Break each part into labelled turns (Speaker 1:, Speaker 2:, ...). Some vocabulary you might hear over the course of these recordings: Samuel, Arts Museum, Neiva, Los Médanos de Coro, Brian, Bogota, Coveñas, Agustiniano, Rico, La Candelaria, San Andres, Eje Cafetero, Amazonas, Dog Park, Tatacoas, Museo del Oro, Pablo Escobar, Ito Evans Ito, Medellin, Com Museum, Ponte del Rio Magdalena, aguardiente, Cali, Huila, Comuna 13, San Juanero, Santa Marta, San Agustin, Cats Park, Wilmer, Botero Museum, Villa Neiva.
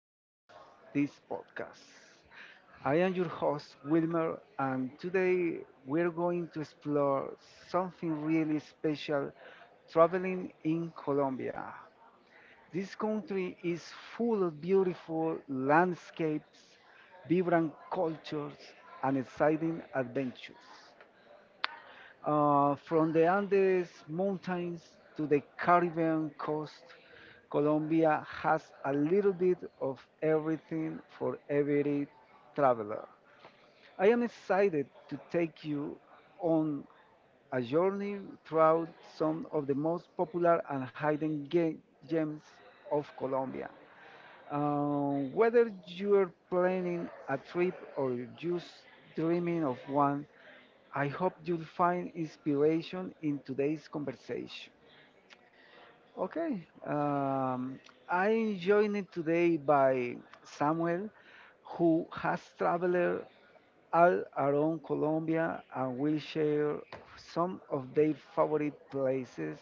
Speaker 1: of this podcast. I am your host Wilmer and today we're going to explore something really special, traveling in Colombia. This country is full of beautiful landscapes, vibrant cultures and exciting adventures. From the Andes Mountains to the Caribbean coast, Colombia has a little bit of everything for every traveler. I am excited to take you on a journey throughout some of the most popular and hidden gems of Colombia. Whether you're planning a trip or just dreaming of one, I hope you'll find inspiration in today's conversation. Okay, I'm joined today by Samuel, who has traveled all around Colombia and will share some of their favorite places,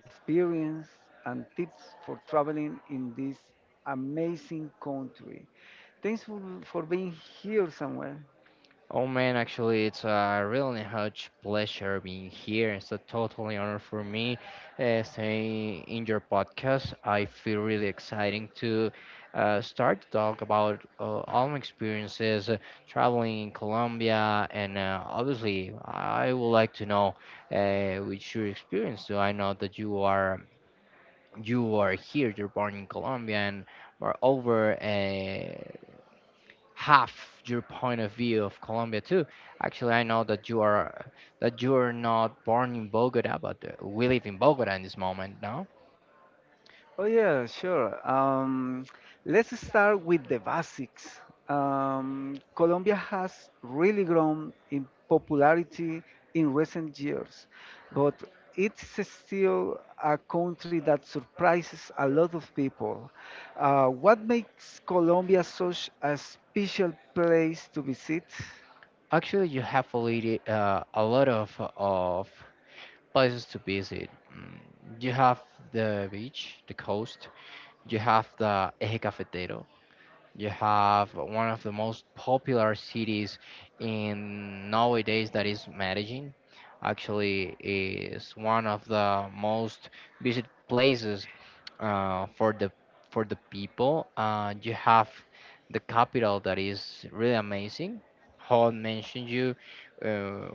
Speaker 1: experience, and tips for traveling in this amazing country. Thanks for being here, Samuel.
Speaker 2: Oh man, actually, it's a really huge pleasure being here. It's a totally honor for me staying in your podcast. I feel really exciting to start to talk about all my experiences traveling in Colombia, and obviously, I would like to know which your experience. So I know that you are here, you're born in Colombia, and moreover, have your point of view of Colombia too. Actually, I know that you are not born in Bogota, but we live in Bogota in this moment, no?
Speaker 1: Oh yeah, sure. Let's start with the basics. Colombia has really grown in popularity in recent years, but it's still a country that surprises a lot of people. What makes Colombia such a special place to visit?
Speaker 2: Actually, you have already a lot of places to visit. Mm, You have the beach, the coast. You have the Eje Cafetero. You have one of the most popular cities in nowadays that is Medellin. Actually, is one of the most visited places uh, for the for the people. You have the capital that is really amazing. Hall mentioned you, uh,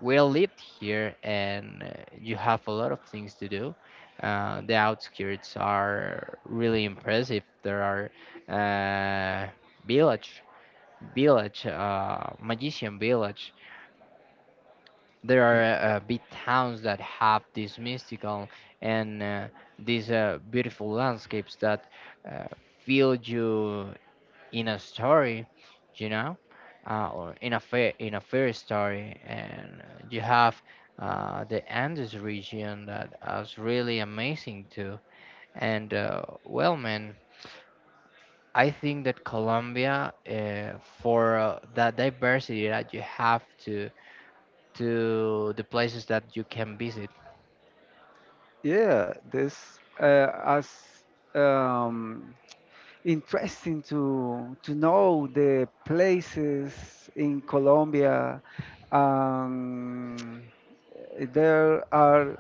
Speaker 2: we lived here, and you have a lot of things to do. The outskirts are really impressive. There are uh, village, magician village. There are
Speaker 1: Y-
Speaker 2: big towns that have these mystical and these beautiful landscapes that uh, fill you in a story, you know, or in a fair story. And you have the Andes region that is really amazing too. And well, man. I think that Colombia, for that diversity that you have to the places that you can visit.
Speaker 1: Yeah, this as um, interesting to know the places in Colombia. Um, there are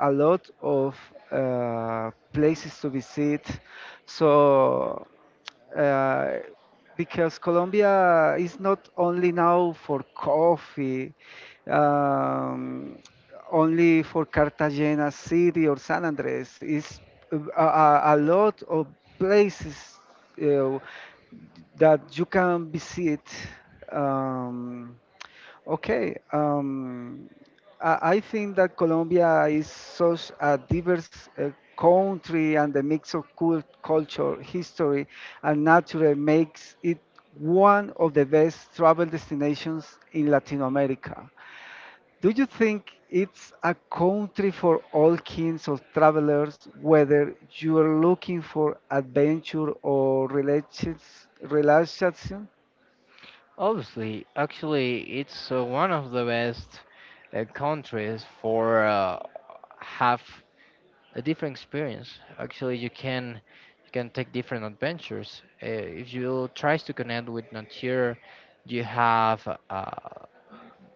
Speaker 1: a lot of places to visit. So uh, because Colombia is not only now for coffee, um, only for Cartagena City or San Andres. Is a lot of places uh, that you can visit. Um, okay, um, I think that Colombia is such a diverse country, and the mix of culture, history, and nature makes it one of the best travel destinations in Latin America. Do you think it's a country for all kinds of travelers, whether you are looking for adventure or relaxation?
Speaker 2: Obviously, actually, it's one of the best countries for have a different experience. Actually, you can take different adventures. If you tries to connect with nature, you have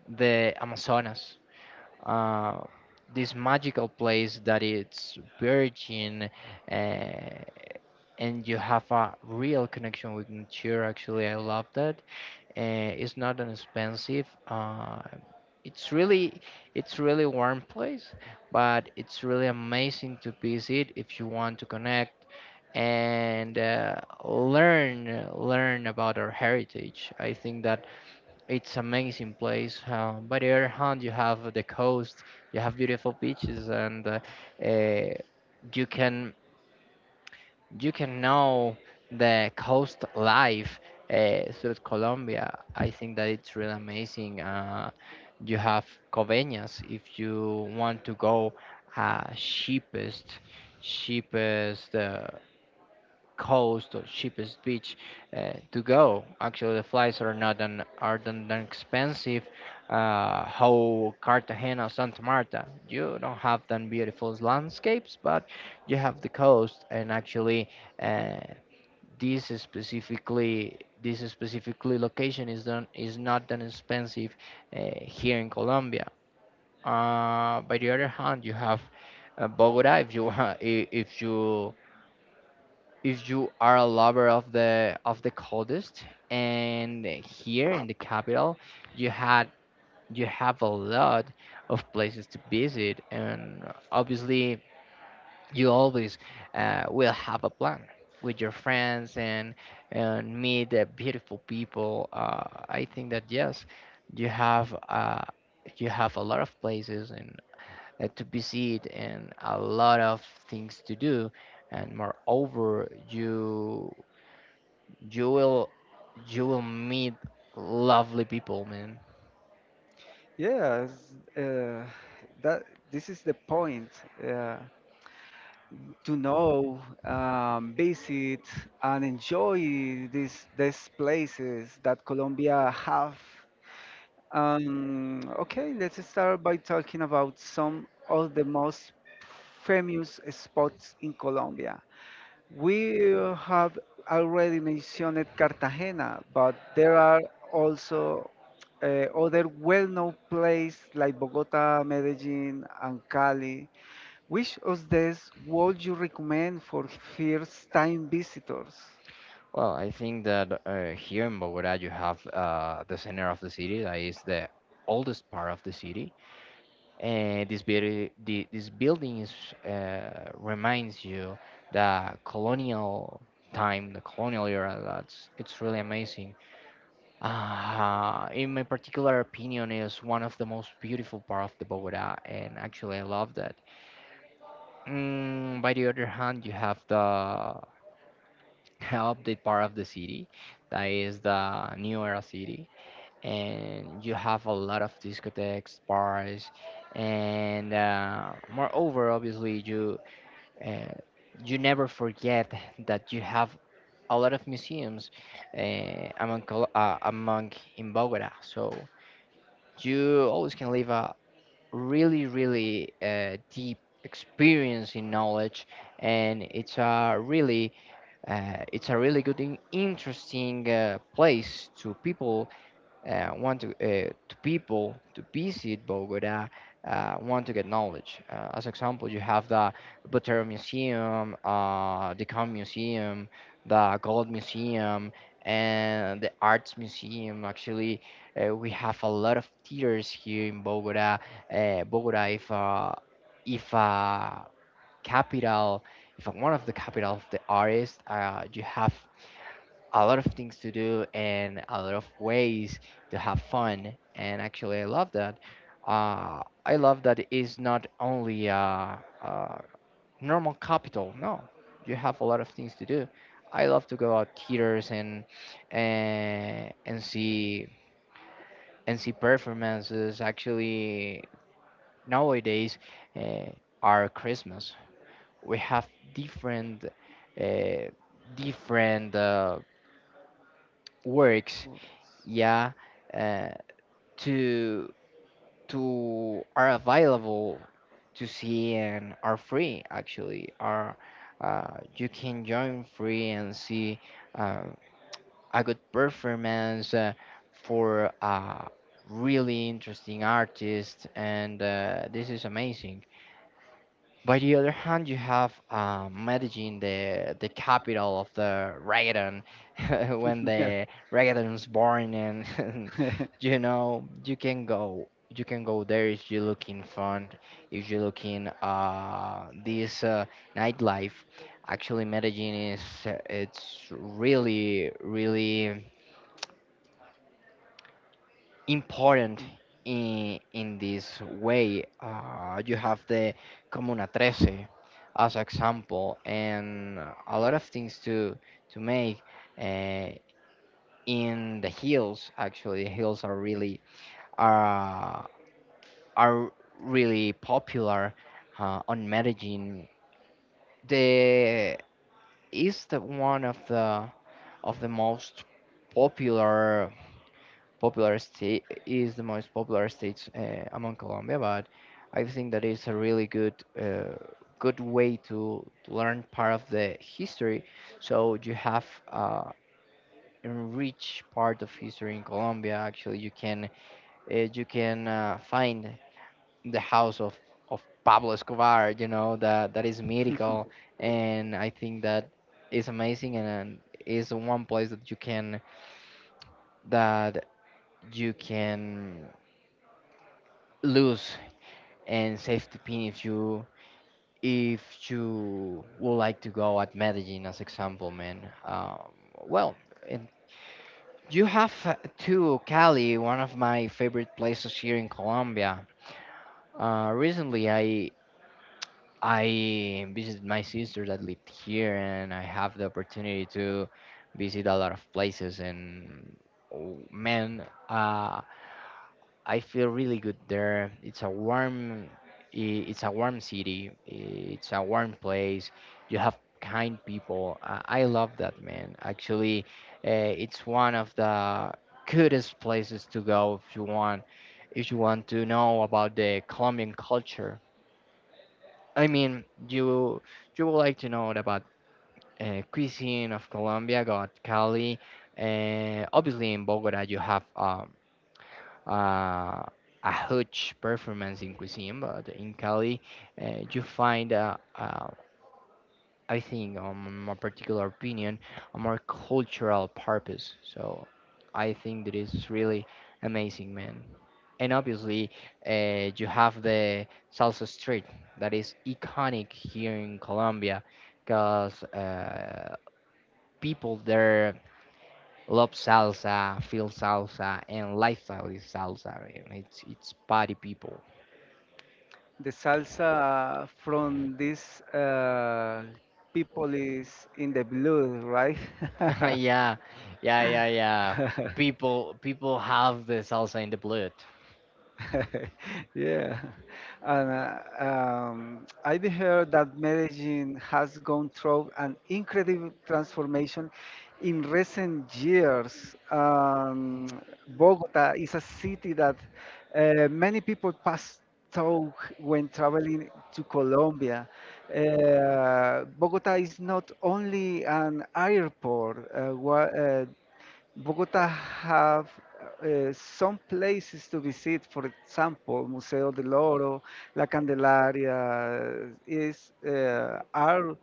Speaker 2: the Amazonas, uh, this magical place that it's virgin, uh, and you have a real connection with nature. Actually, I love that it's not an expensive. It's really, it's really warm place, but it's really amazing to visit if you want to connect and learn about our heritage. I think that it's amazing place. By the other hand, you have the coast, you have beautiful beaches, and uh, you can you can know the coast life South Colombia. I think that it's really amazing. You have Coveñas if you want to go uh, cheapest cheapest coast or cheapest beach to go. Actually, the flights are not that expensive. How Cartagena, Santa Marta, you don't have that beautiful landscapes, but you have the coast. And actually, uh, this is specifically location is done is not that expensive here in Colombia. By the other hand, you have Bogota if you if you are a lover of the coldest, and here in the capital you had you have a lot of places to visit, and obviously you always will have a plan with your friends and meet the beautiful people. I think that yes, you have uh, you have a lot of places and to visit and a lot of things to do, and moreover you will you will meet lovely people, man.
Speaker 1: Yes, uh, that this is the point uh, to know, visit, and enjoy these places that Colombia have. Okay, let's start by talking about some of the most famous spots in Colombia. We have already mentioned Cartagena, but there are also uh, other well-known places like Bogota, Medellin, and Cali. Which of these would you recommend for first-time visitors?
Speaker 2: Well, I think that here in Bogota you have the center of the city that is the oldest part of the city, and this beauty, this building is, reminds you the colonial time, the colonial era. That's It's really amazing. In my particular opinion, is one of the most beautiful part of the Bogota, and actually I love that. By the other hand, you have the update part of the city, that is the new era city, and you have a lot of discotheques, bars, and moreover, obviously, uh, you never forget that you have a lot of museums among in Bogota, so you always can leave a really, really deep experience in knowledge, and it's a really good and interesting place to people, to people to visit Bogota, want to get knowledge. As example, you have the Botero Museum, the Com Museum, the Gold Museum, and the Arts Museum. Actually, we have a lot of theaters here in Bogota. Bogota, if uh, capital, if one of the capital of the artist, you have a lot of things to do and a lot of ways to have fun. And actually, I love that. I love that it's not only a normal capital. No, you have a lot of things to do. I love to go out theaters and see performances. Actually, nowadays, uh, our Christmas we have different uh, different works,
Speaker 1: Oh,
Speaker 2: yeah, uh, to to are available to see and are free. Actually are you can join free and see uh, a good performance for a really interesting artist, and this is amazing. By the other hand, you have Medellin, the capital of the reggaeton, when the reggaeton is born, and you know you can go there if you're looking fun, if you're looking this nightlife. Actually, Medellin is it's really really important in this way. You have the Comuna 13 as example, and a lot of things to make uh, in the hills. Actually, hills are are really popular on Medellin. The is the one of the most popular popular state is the most popular state among Colombia, but I think that is a really uh, good way to learn part of the history. So you have uh, enrich part of history in Colombia. Actually, you can find the house of Pablo Escobar. You know that that is mythical, and I think that is amazing, and is one place that you can lose and safety pin if you would like to go at Medellin as example, man. Um, well, and you have too Cali, one of my favorite places here in Colombia. Recently, I visited my sister that lived here, and I have the opportunity to visit a lot of places. And oh, man, uh, I feel really good there. It's a warm city. It's a warm place. You have kind people. I love that, man. Actually, uh, it's one of the coolest places to go if you want to know about the Colombian culture. I mean, you would like to know about cuisine of Colombia, got Cali. Obviously, in Bogota, you have uh, a huge performance in cuisine, but in Cali, you find, I think, on my particular opinion, a more cultural purpose. So I think that is really amazing, man. And obviously, you have the salsa street that is iconic here in Colombia because people there love salsa, feel salsa, and lifestyle is salsa, man. It's party people.
Speaker 1: The salsa from these people is in the blood, right?
Speaker 2: Yeah, yeah, yeah, yeah. People have the salsa in the blood.
Speaker 1: Yeah. And I've heard that Medellin has gone through an incredible transformation in recent years. Bogota is a city that many people pass through when traveling to Colombia. Bogota is not only an airport. Bogota have some places to visit, for example, Museo del Oro, La Candelaria is are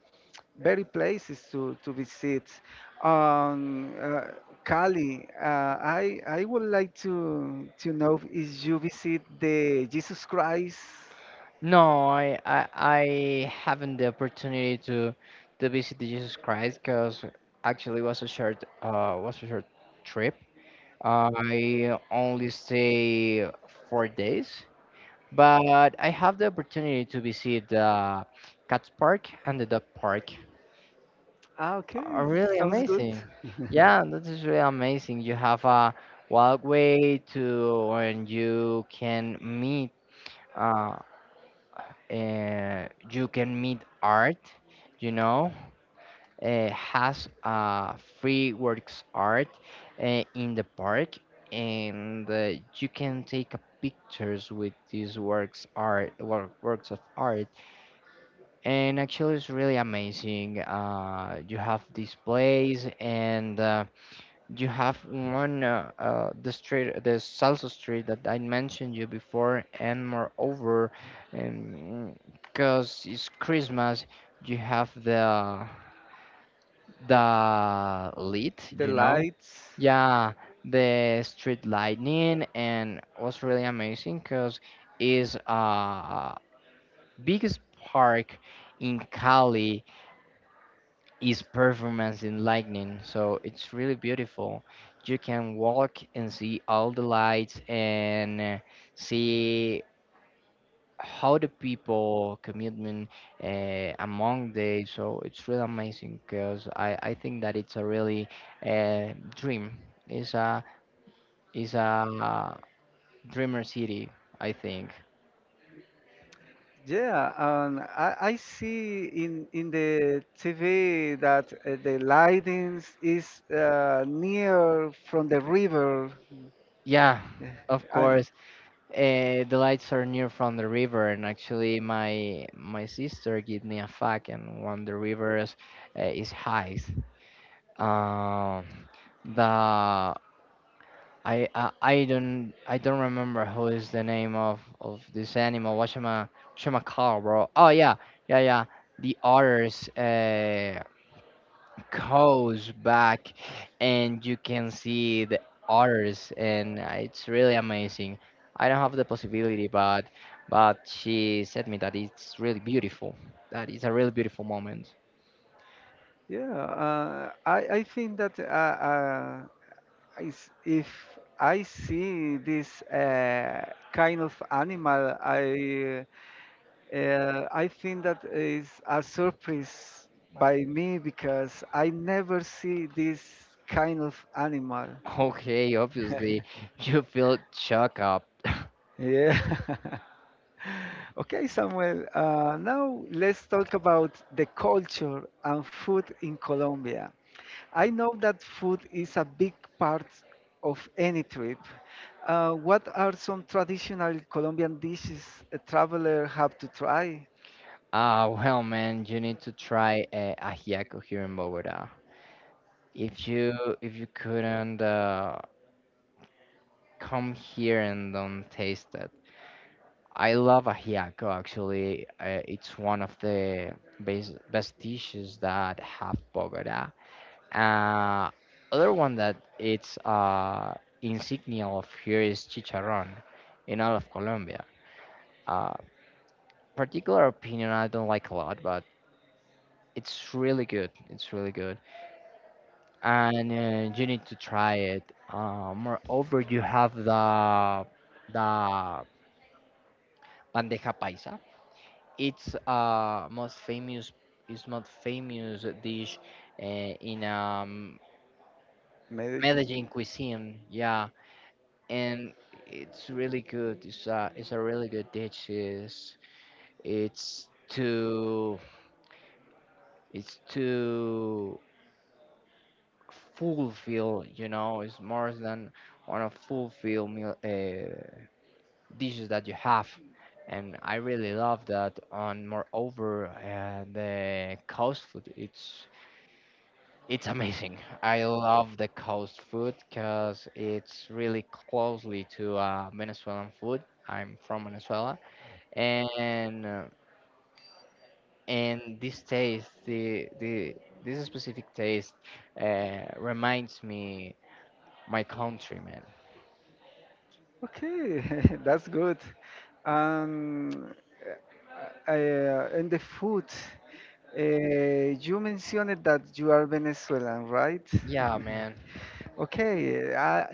Speaker 1: very places to visit. Um, uh, Cali, I would like to know if you visit the Jesus Christ.
Speaker 2: No, I haven't the opportunity to visit the Jesus Christ because actually it was a short trip. I only stay 4 days, but I have the opportunity to visit the Cats Park and the Dog Park.
Speaker 1: Ah, okay.
Speaker 2: Oh, really
Speaker 1: Sounds good.
Speaker 2: amazing. Yeah, that is really amazing. You have a walkway to when uh, you can meet art, you know. Has free works art in the park, and you can take a pictures with these works of art, and actually it's really amazing. You have displays, and You have one, the street, the salsa street that I mentioned you before, and moreover, because it's Christmas, you have the lit,
Speaker 1: The
Speaker 2: you know?
Speaker 1: lights.
Speaker 2: Yeah, the street lightning, and was really amazing because is a biggest park in Cali is performance in lightning. So it's really beautiful. You can walk and see all the lights, and see how the people commitment among they. So it's really amazing because I think that it's a really uh, dream. It's a, it's a dreamer city, I think.
Speaker 1: Yeah, and I see in the TV that the lightings is near from the river.
Speaker 2: Yeah,
Speaker 1: Yeah,
Speaker 2: of
Speaker 1: I,
Speaker 2: course. The lights are near from the river, and actually, my sister gave me a fact, and when the river is high, um, the I don't remember who is the name of this animal. What's my call, bro? Oh yeah, yeah, yeah. The otters. Goes back and you can see the others and it's really amazing. I don't have the possibility but she said me that it's really beautiful. That is a really beautiful moment.
Speaker 1: yeah, I think that if I see this kind of animal, I think that is a surprise by me because I never see this kind of animal.
Speaker 2: Okay, obviously you feel shocked up.
Speaker 1: Yeah. Okay, Samuel, now let's talk about the culture and food in Colombia. I know that food is a big part of any trip. What are some traditional Colombian dishes a traveler have to try?
Speaker 2: Ah, well, man, you need to try ajiaco here in Bogota. If you if you couldn't come here and don't taste it, I love ajiaco actually. It's one of the best dishes that have Bogota. Uh, Other one that it's insignia of here is chicharrón in all of Colombia. Uh, Particular opinion I don't like a lot, but it's really good. It's really good, and you need to try it. Moreover, you have the the bandeja paisa. It's most famous dish in Medellin
Speaker 1: Medellin.
Speaker 2: cuisine. Yeah, and it's really good. It's a really good dish. It's to it's to fulfill. You know, it's more than one of fulfill meal dishes that you have. And I really love that. On moreover, the coast food. It's amazing. I love the coast food because it's really closely to Venezuelan food. I'm from Venezuela, and and this taste, the this specific taste, reminds me my countrymen.
Speaker 1: Okay, that's good. Um, uh, and the food, uh, you mentioned that you are Venezuelan, right?
Speaker 2: Yeah,
Speaker 1: Yeah.
Speaker 2: man.
Speaker 1: Okay, I,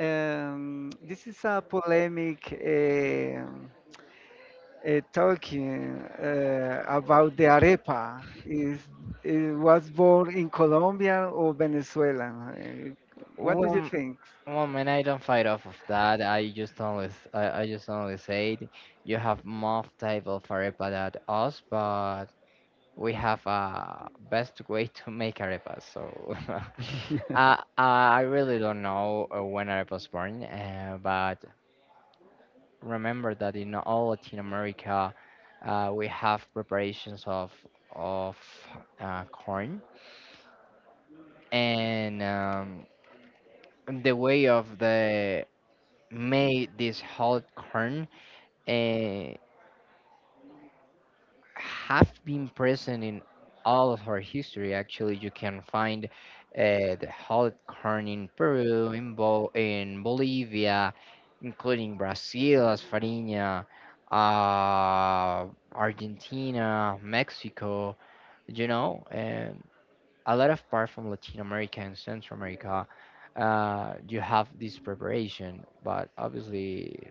Speaker 1: um, this is a polemic talking about the arepa. Is it was born in Colombia or Venezuela? What do you
Speaker 2: Well,
Speaker 1: think?
Speaker 2: well, man, I don't fight off of that. I, just only said you have more type of arepa than us, but we have a best way to make arepas. So I really don't know when arepa was born, but remember that in all Latin America, we have preparations of corn, and the way of the made this whole corn. Uh, have been present in all of our history. Actually, you can find the hot corn in Peru, in Bolivia, including Brazil as farinha, uh, Argentina, Mexico, you know, and a lot of part from Latin America and Central America. You have this preparation, but obviously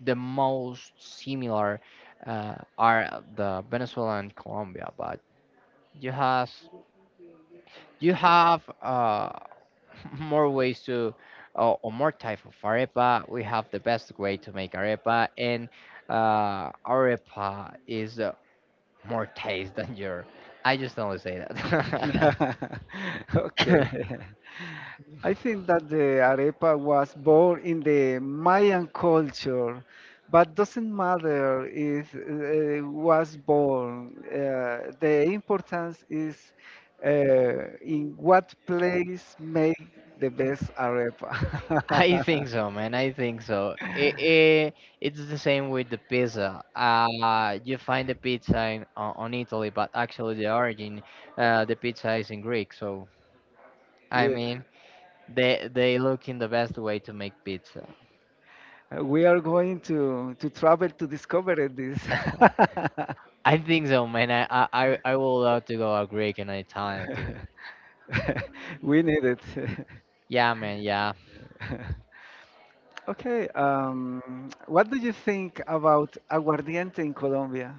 Speaker 2: the most similar are the Venezuela and Colombia, but you has you have more ways to or more type of arepa. We have the best way to make arepa, and arepa is more taste than your. I just only say that.
Speaker 1: Okay. I think that the arepa was born in the Mayan culture, but doesn't matter if was born. The importance is uh, in what place make the best arepa.
Speaker 2: I think so, man. I think so. It's the same with the pizza. You find the pizza on Italy, but actually the origin, the pizza is in Greek. So I
Speaker 1: Yeah.
Speaker 2: mean, they look in the best way to make pizza.
Speaker 1: We are going to travel to discover it, this.
Speaker 2: I think so, man. I would love to go a Greek and an Italian too.
Speaker 1: We need it.
Speaker 2: Yeah, man. Yeah,
Speaker 1: Okay, what do you think about aguardiente in Colombia?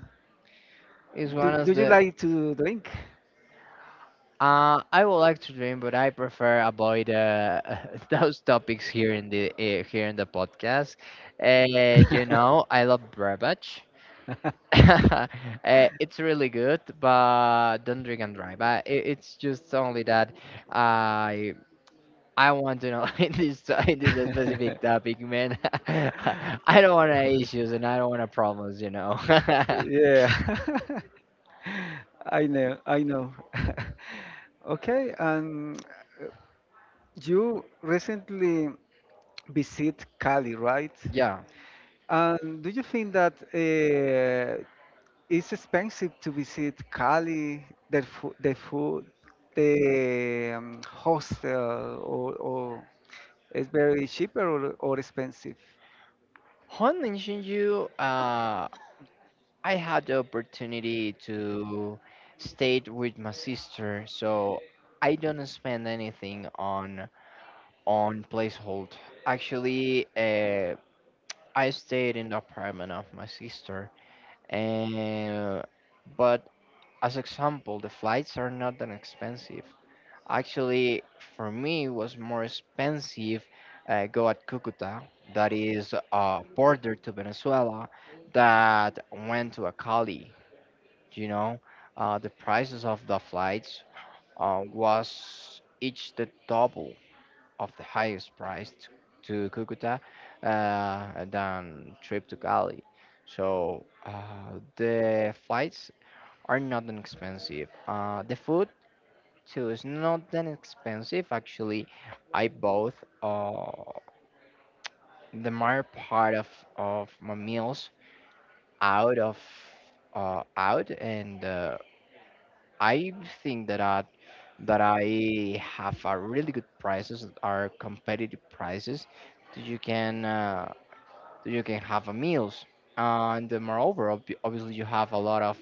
Speaker 2: it's one
Speaker 1: Do
Speaker 2: of
Speaker 1: you
Speaker 2: the.
Speaker 1: like to drink?
Speaker 2: I would like to dream, but I prefer avoid those topics here in the here in the podcast. You know, I love beverage. uh, it's really good, but don't drink and drive. It's just only that I I want to know in this specific topic, man. I don't want any issues and I don't want any problems, you know.
Speaker 1: Yeah, I know, I know. Okay, and you recently visit Cali, right?
Speaker 2: Yeah.
Speaker 1: And do you think that it's expensive to visit Cali, the the food, the hostel, or it's very cheaper, or expensive?
Speaker 2: Hon mentioned you. I had the opportunity to stay with my sister, so I don't spend anything on placehold. Actually, I stayed in the apartment of my sister, and but as example, the flights are not that expensive. Actually, for me, it was more expensive go at Cucuta, that is a border to Venezuela, that went to a Cali, you know, the prices of the flights was each the double of the highest price to Cucuta than trip to Cali. So the flights are not that expensive. The food too is not that expensive actually. I bought uh, the more part of my meals out of out and I think that I have a really good prices that are competitive prices that you can uh, that you can have a meals and moreover obviously you have a lot of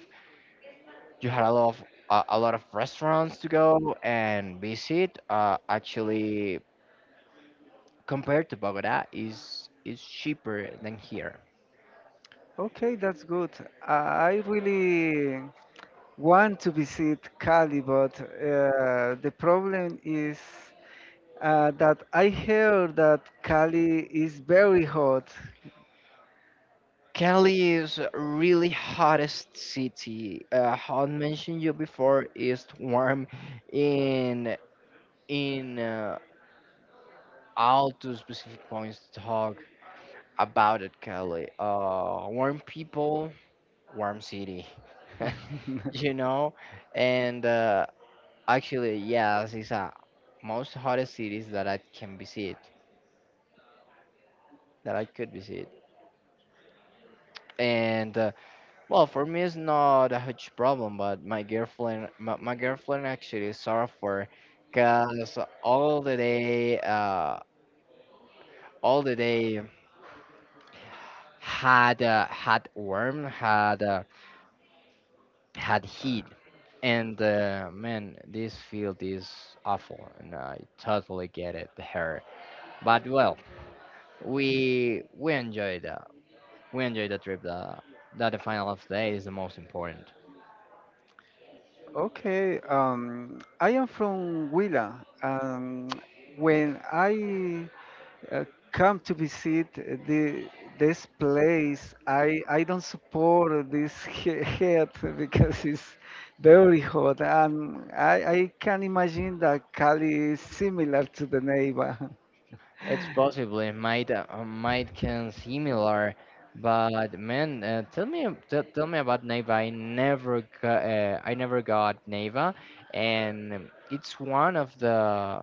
Speaker 2: you had a lot of a lot of restaurants to go and visit, actually compared to Bogota is cheaper than here.
Speaker 1: Okay, that's good. I really want to visit Cali, but the problem is that I hear that Cali is very hot.
Speaker 2: Cali is a really hottest city. How I mentioned you before is warm in in I'll do specific points to talk about it, Kelly. Warm people, warm city, you know? And actually, yes, it's a most hottest cities that I can visit, that I could visit. And well, for me, it's not a huge problem, but my girlfriend actually is suffer because all the day, uh, all the day had had warm, had. Had heat. And man, this field is awful, and I totally get it here. But well, we enjoyed the we enjoyed the trip. The That the final of the day is the most important.
Speaker 1: Okay, I am from Huila, and when I Uh, come to visit the this place. I don't support this heat because it's very hot, and I can imagine that Cali is similar to the Neiva.
Speaker 2: It's possibly might can similar, but man, tell me tell me about Neva. I never got Neva, and it's one of the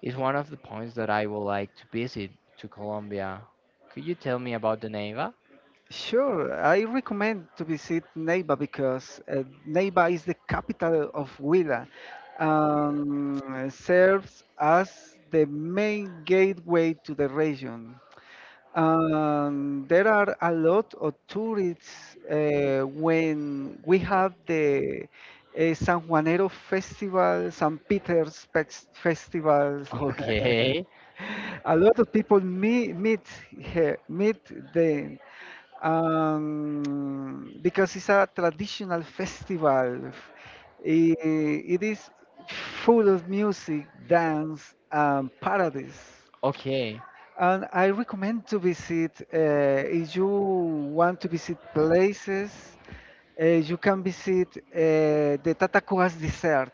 Speaker 2: is one of the points that I would like to visit to Colombia. Could you tell me about the Neiva?
Speaker 1: Sure, I recommend to visit Neiva because Neiva is the capital of Huila and serves as the main gateway to the region. There are a lot of tourists when we have the San Juanero Festival, San Peter's Festivals.
Speaker 2: Okay,
Speaker 1: A lot of people meet here, meet them because it's a traditional festival. I- it is full of music, dance, and parades.
Speaker 2: okay,
Speaker 1: And I recommend to visit, if you want to visit places, you can visit the Tatacoas Desert.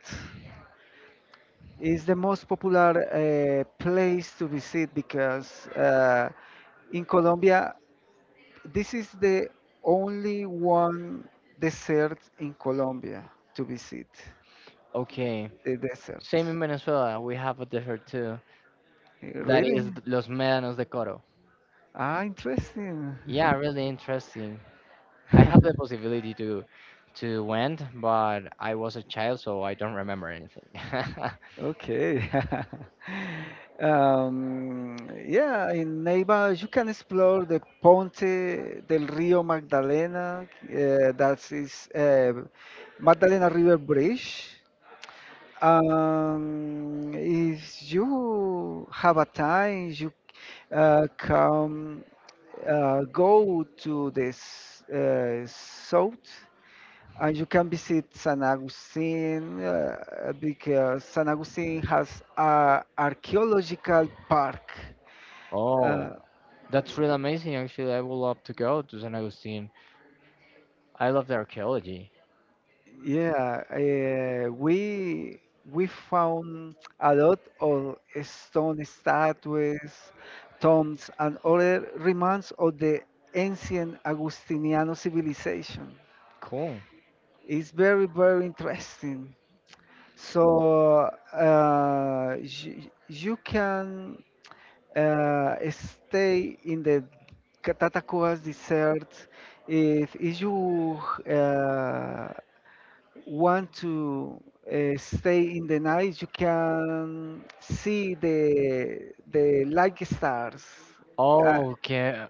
Speaker 1: It's the most popular place to visit because in Colombia, this is the only one desert in Colombia to visit,
Speaker 2: okay.
Speaker 1: the desert.
Speaker 2: Same in Venezuela, we have a desert too.
Speaker 1: Eh,
Speaker 2: That
Speaker 1: really?
Speaker 2: is Los Médanos de Coro.
Speaker 1: Ah, interesting.
Speaker 2: Yeah, really interesting. I have the possibility to went, but I was a child, so I don't remember anything.
Speaker 1: Okay. Um, yeah, in Neiva you can explore the Ponte del Rio Magdalena, that is Magdalena River Bridge. If you have a time, you come go to this south. And you can visit San Agustin because San Agustin has a archaeological park. Uh,
Speaker 2: Oh, that's really amazing. Actually, I would love to go to San Agustin. I love the archaeology.
Speaker 1: yeah, uh, we we found a lot of stone statues, tombs, and other remains of the ancient Agustiniano civilization.
Speaker 2: Cool.
Speaker 1: It's very very interesting. So you can stay in the Tatacoa's desert if you uh, want to stay in the night you can see the light stars uh,
Speaker 2: Oh, okay,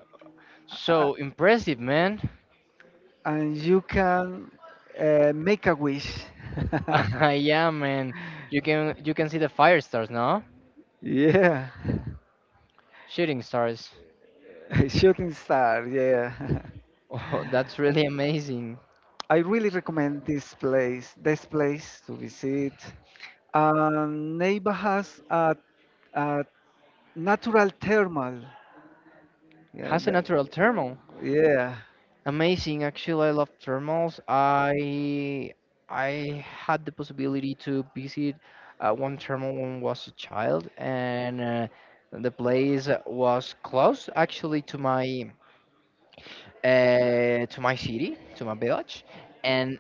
Speaker 1: uh,
Speaker 2: so impressive, man.
Speaker 1: and you can make a wish.
Speaker 2: Yeah, man. You can see the fire stars, no?
Speaker 1: Yeah.
Speaker 2: Shooting stars.
Speaker 1: Shooting star, yeah.
Speaker 2: Oh, that's really amazing.
Speaker 1: I really recommend this place, this place to visit. Neiva has a natural thermal. Yeah,
Speaker 2: Has a
Speaker 1: that,
Speaker 2: natural thermal.
Speaker 1: yeah,
Speaker 2: Amazing. Actually, I love thermals. I had the possibility to visit one thermal when I was a child, and the place was close actually to my city, to my village, and.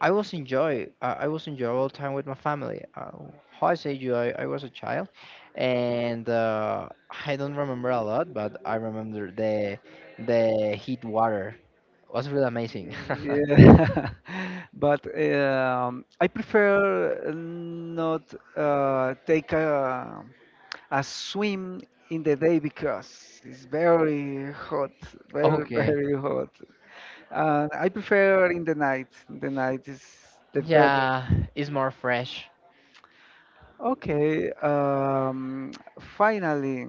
Speaker 2: I was enjoy. I was enjoy all time with my family. How I say you, I was a child, and I don't remember a lot, but I remember the heat water was really amazing.
Speaker 1: yeah. But I prefer not take a swim in the day because it's very hot, very,
Speaker 2: Okay,
Speaker 1: very hot. I prefer in the night. In the night is the better.
Speaker 2: yeah, it's more fresh.
Speaker 1: Okay, finally,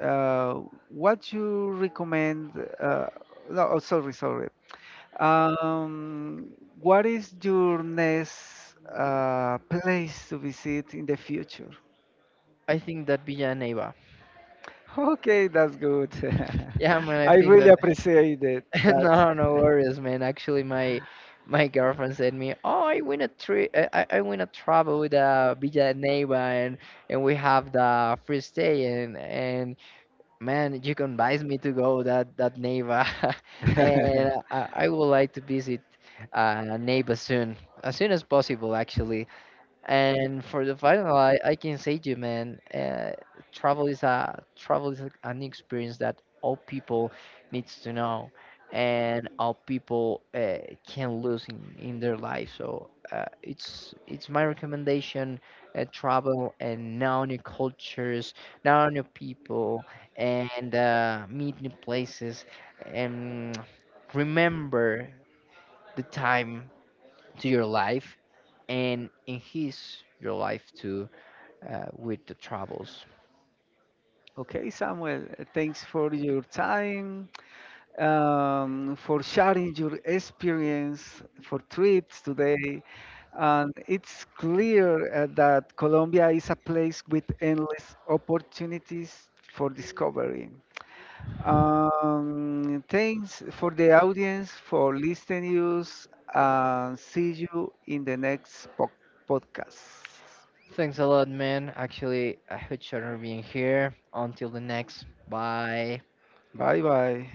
Speaker 1: uh, what you recommend? Uh, no, oh, sorry, sorry. Um, what is your next place to visit in the future?
Speaker 2: I think that Villa Neiva.
Speaker 1: Okay, that's good.
Speaker 2: Yeah, man, I
Speaker 1: I okay.
Speaker 2: think
Speaker 1: Really
Speaker 2: that.
Speaker 1: appreciate it, that.
Speaker 2: No, no worries, man. Actually, my girlfriend said me, "Oh, I win a trip. I win a travel with Villa Neiva, and we have the free stay, and man, you convinced me to go that that Neiva, and I would like to visit Neiva soon as possible, actually. And for the final, I can say to you, man, travel is a, an experience that all people needs to know, and all people can lose in their life. So it's my recommendation: travel and know new cultures, know new people, and meet new places, and remember the time to your life and enhance your life too with the travels.
Speaker 1: Okay, Samuel, thanks for your time. For sharing your experience for trips today. And it's clear that Colombia is a place with endless opportunities for discovery. Thanks for the audience for listening us and see you in the next podcast.
Speaker 2: Thanks a lot, man. Actually, I hope you being here. Until the next. Bye.
Speaker 1: Bye bye.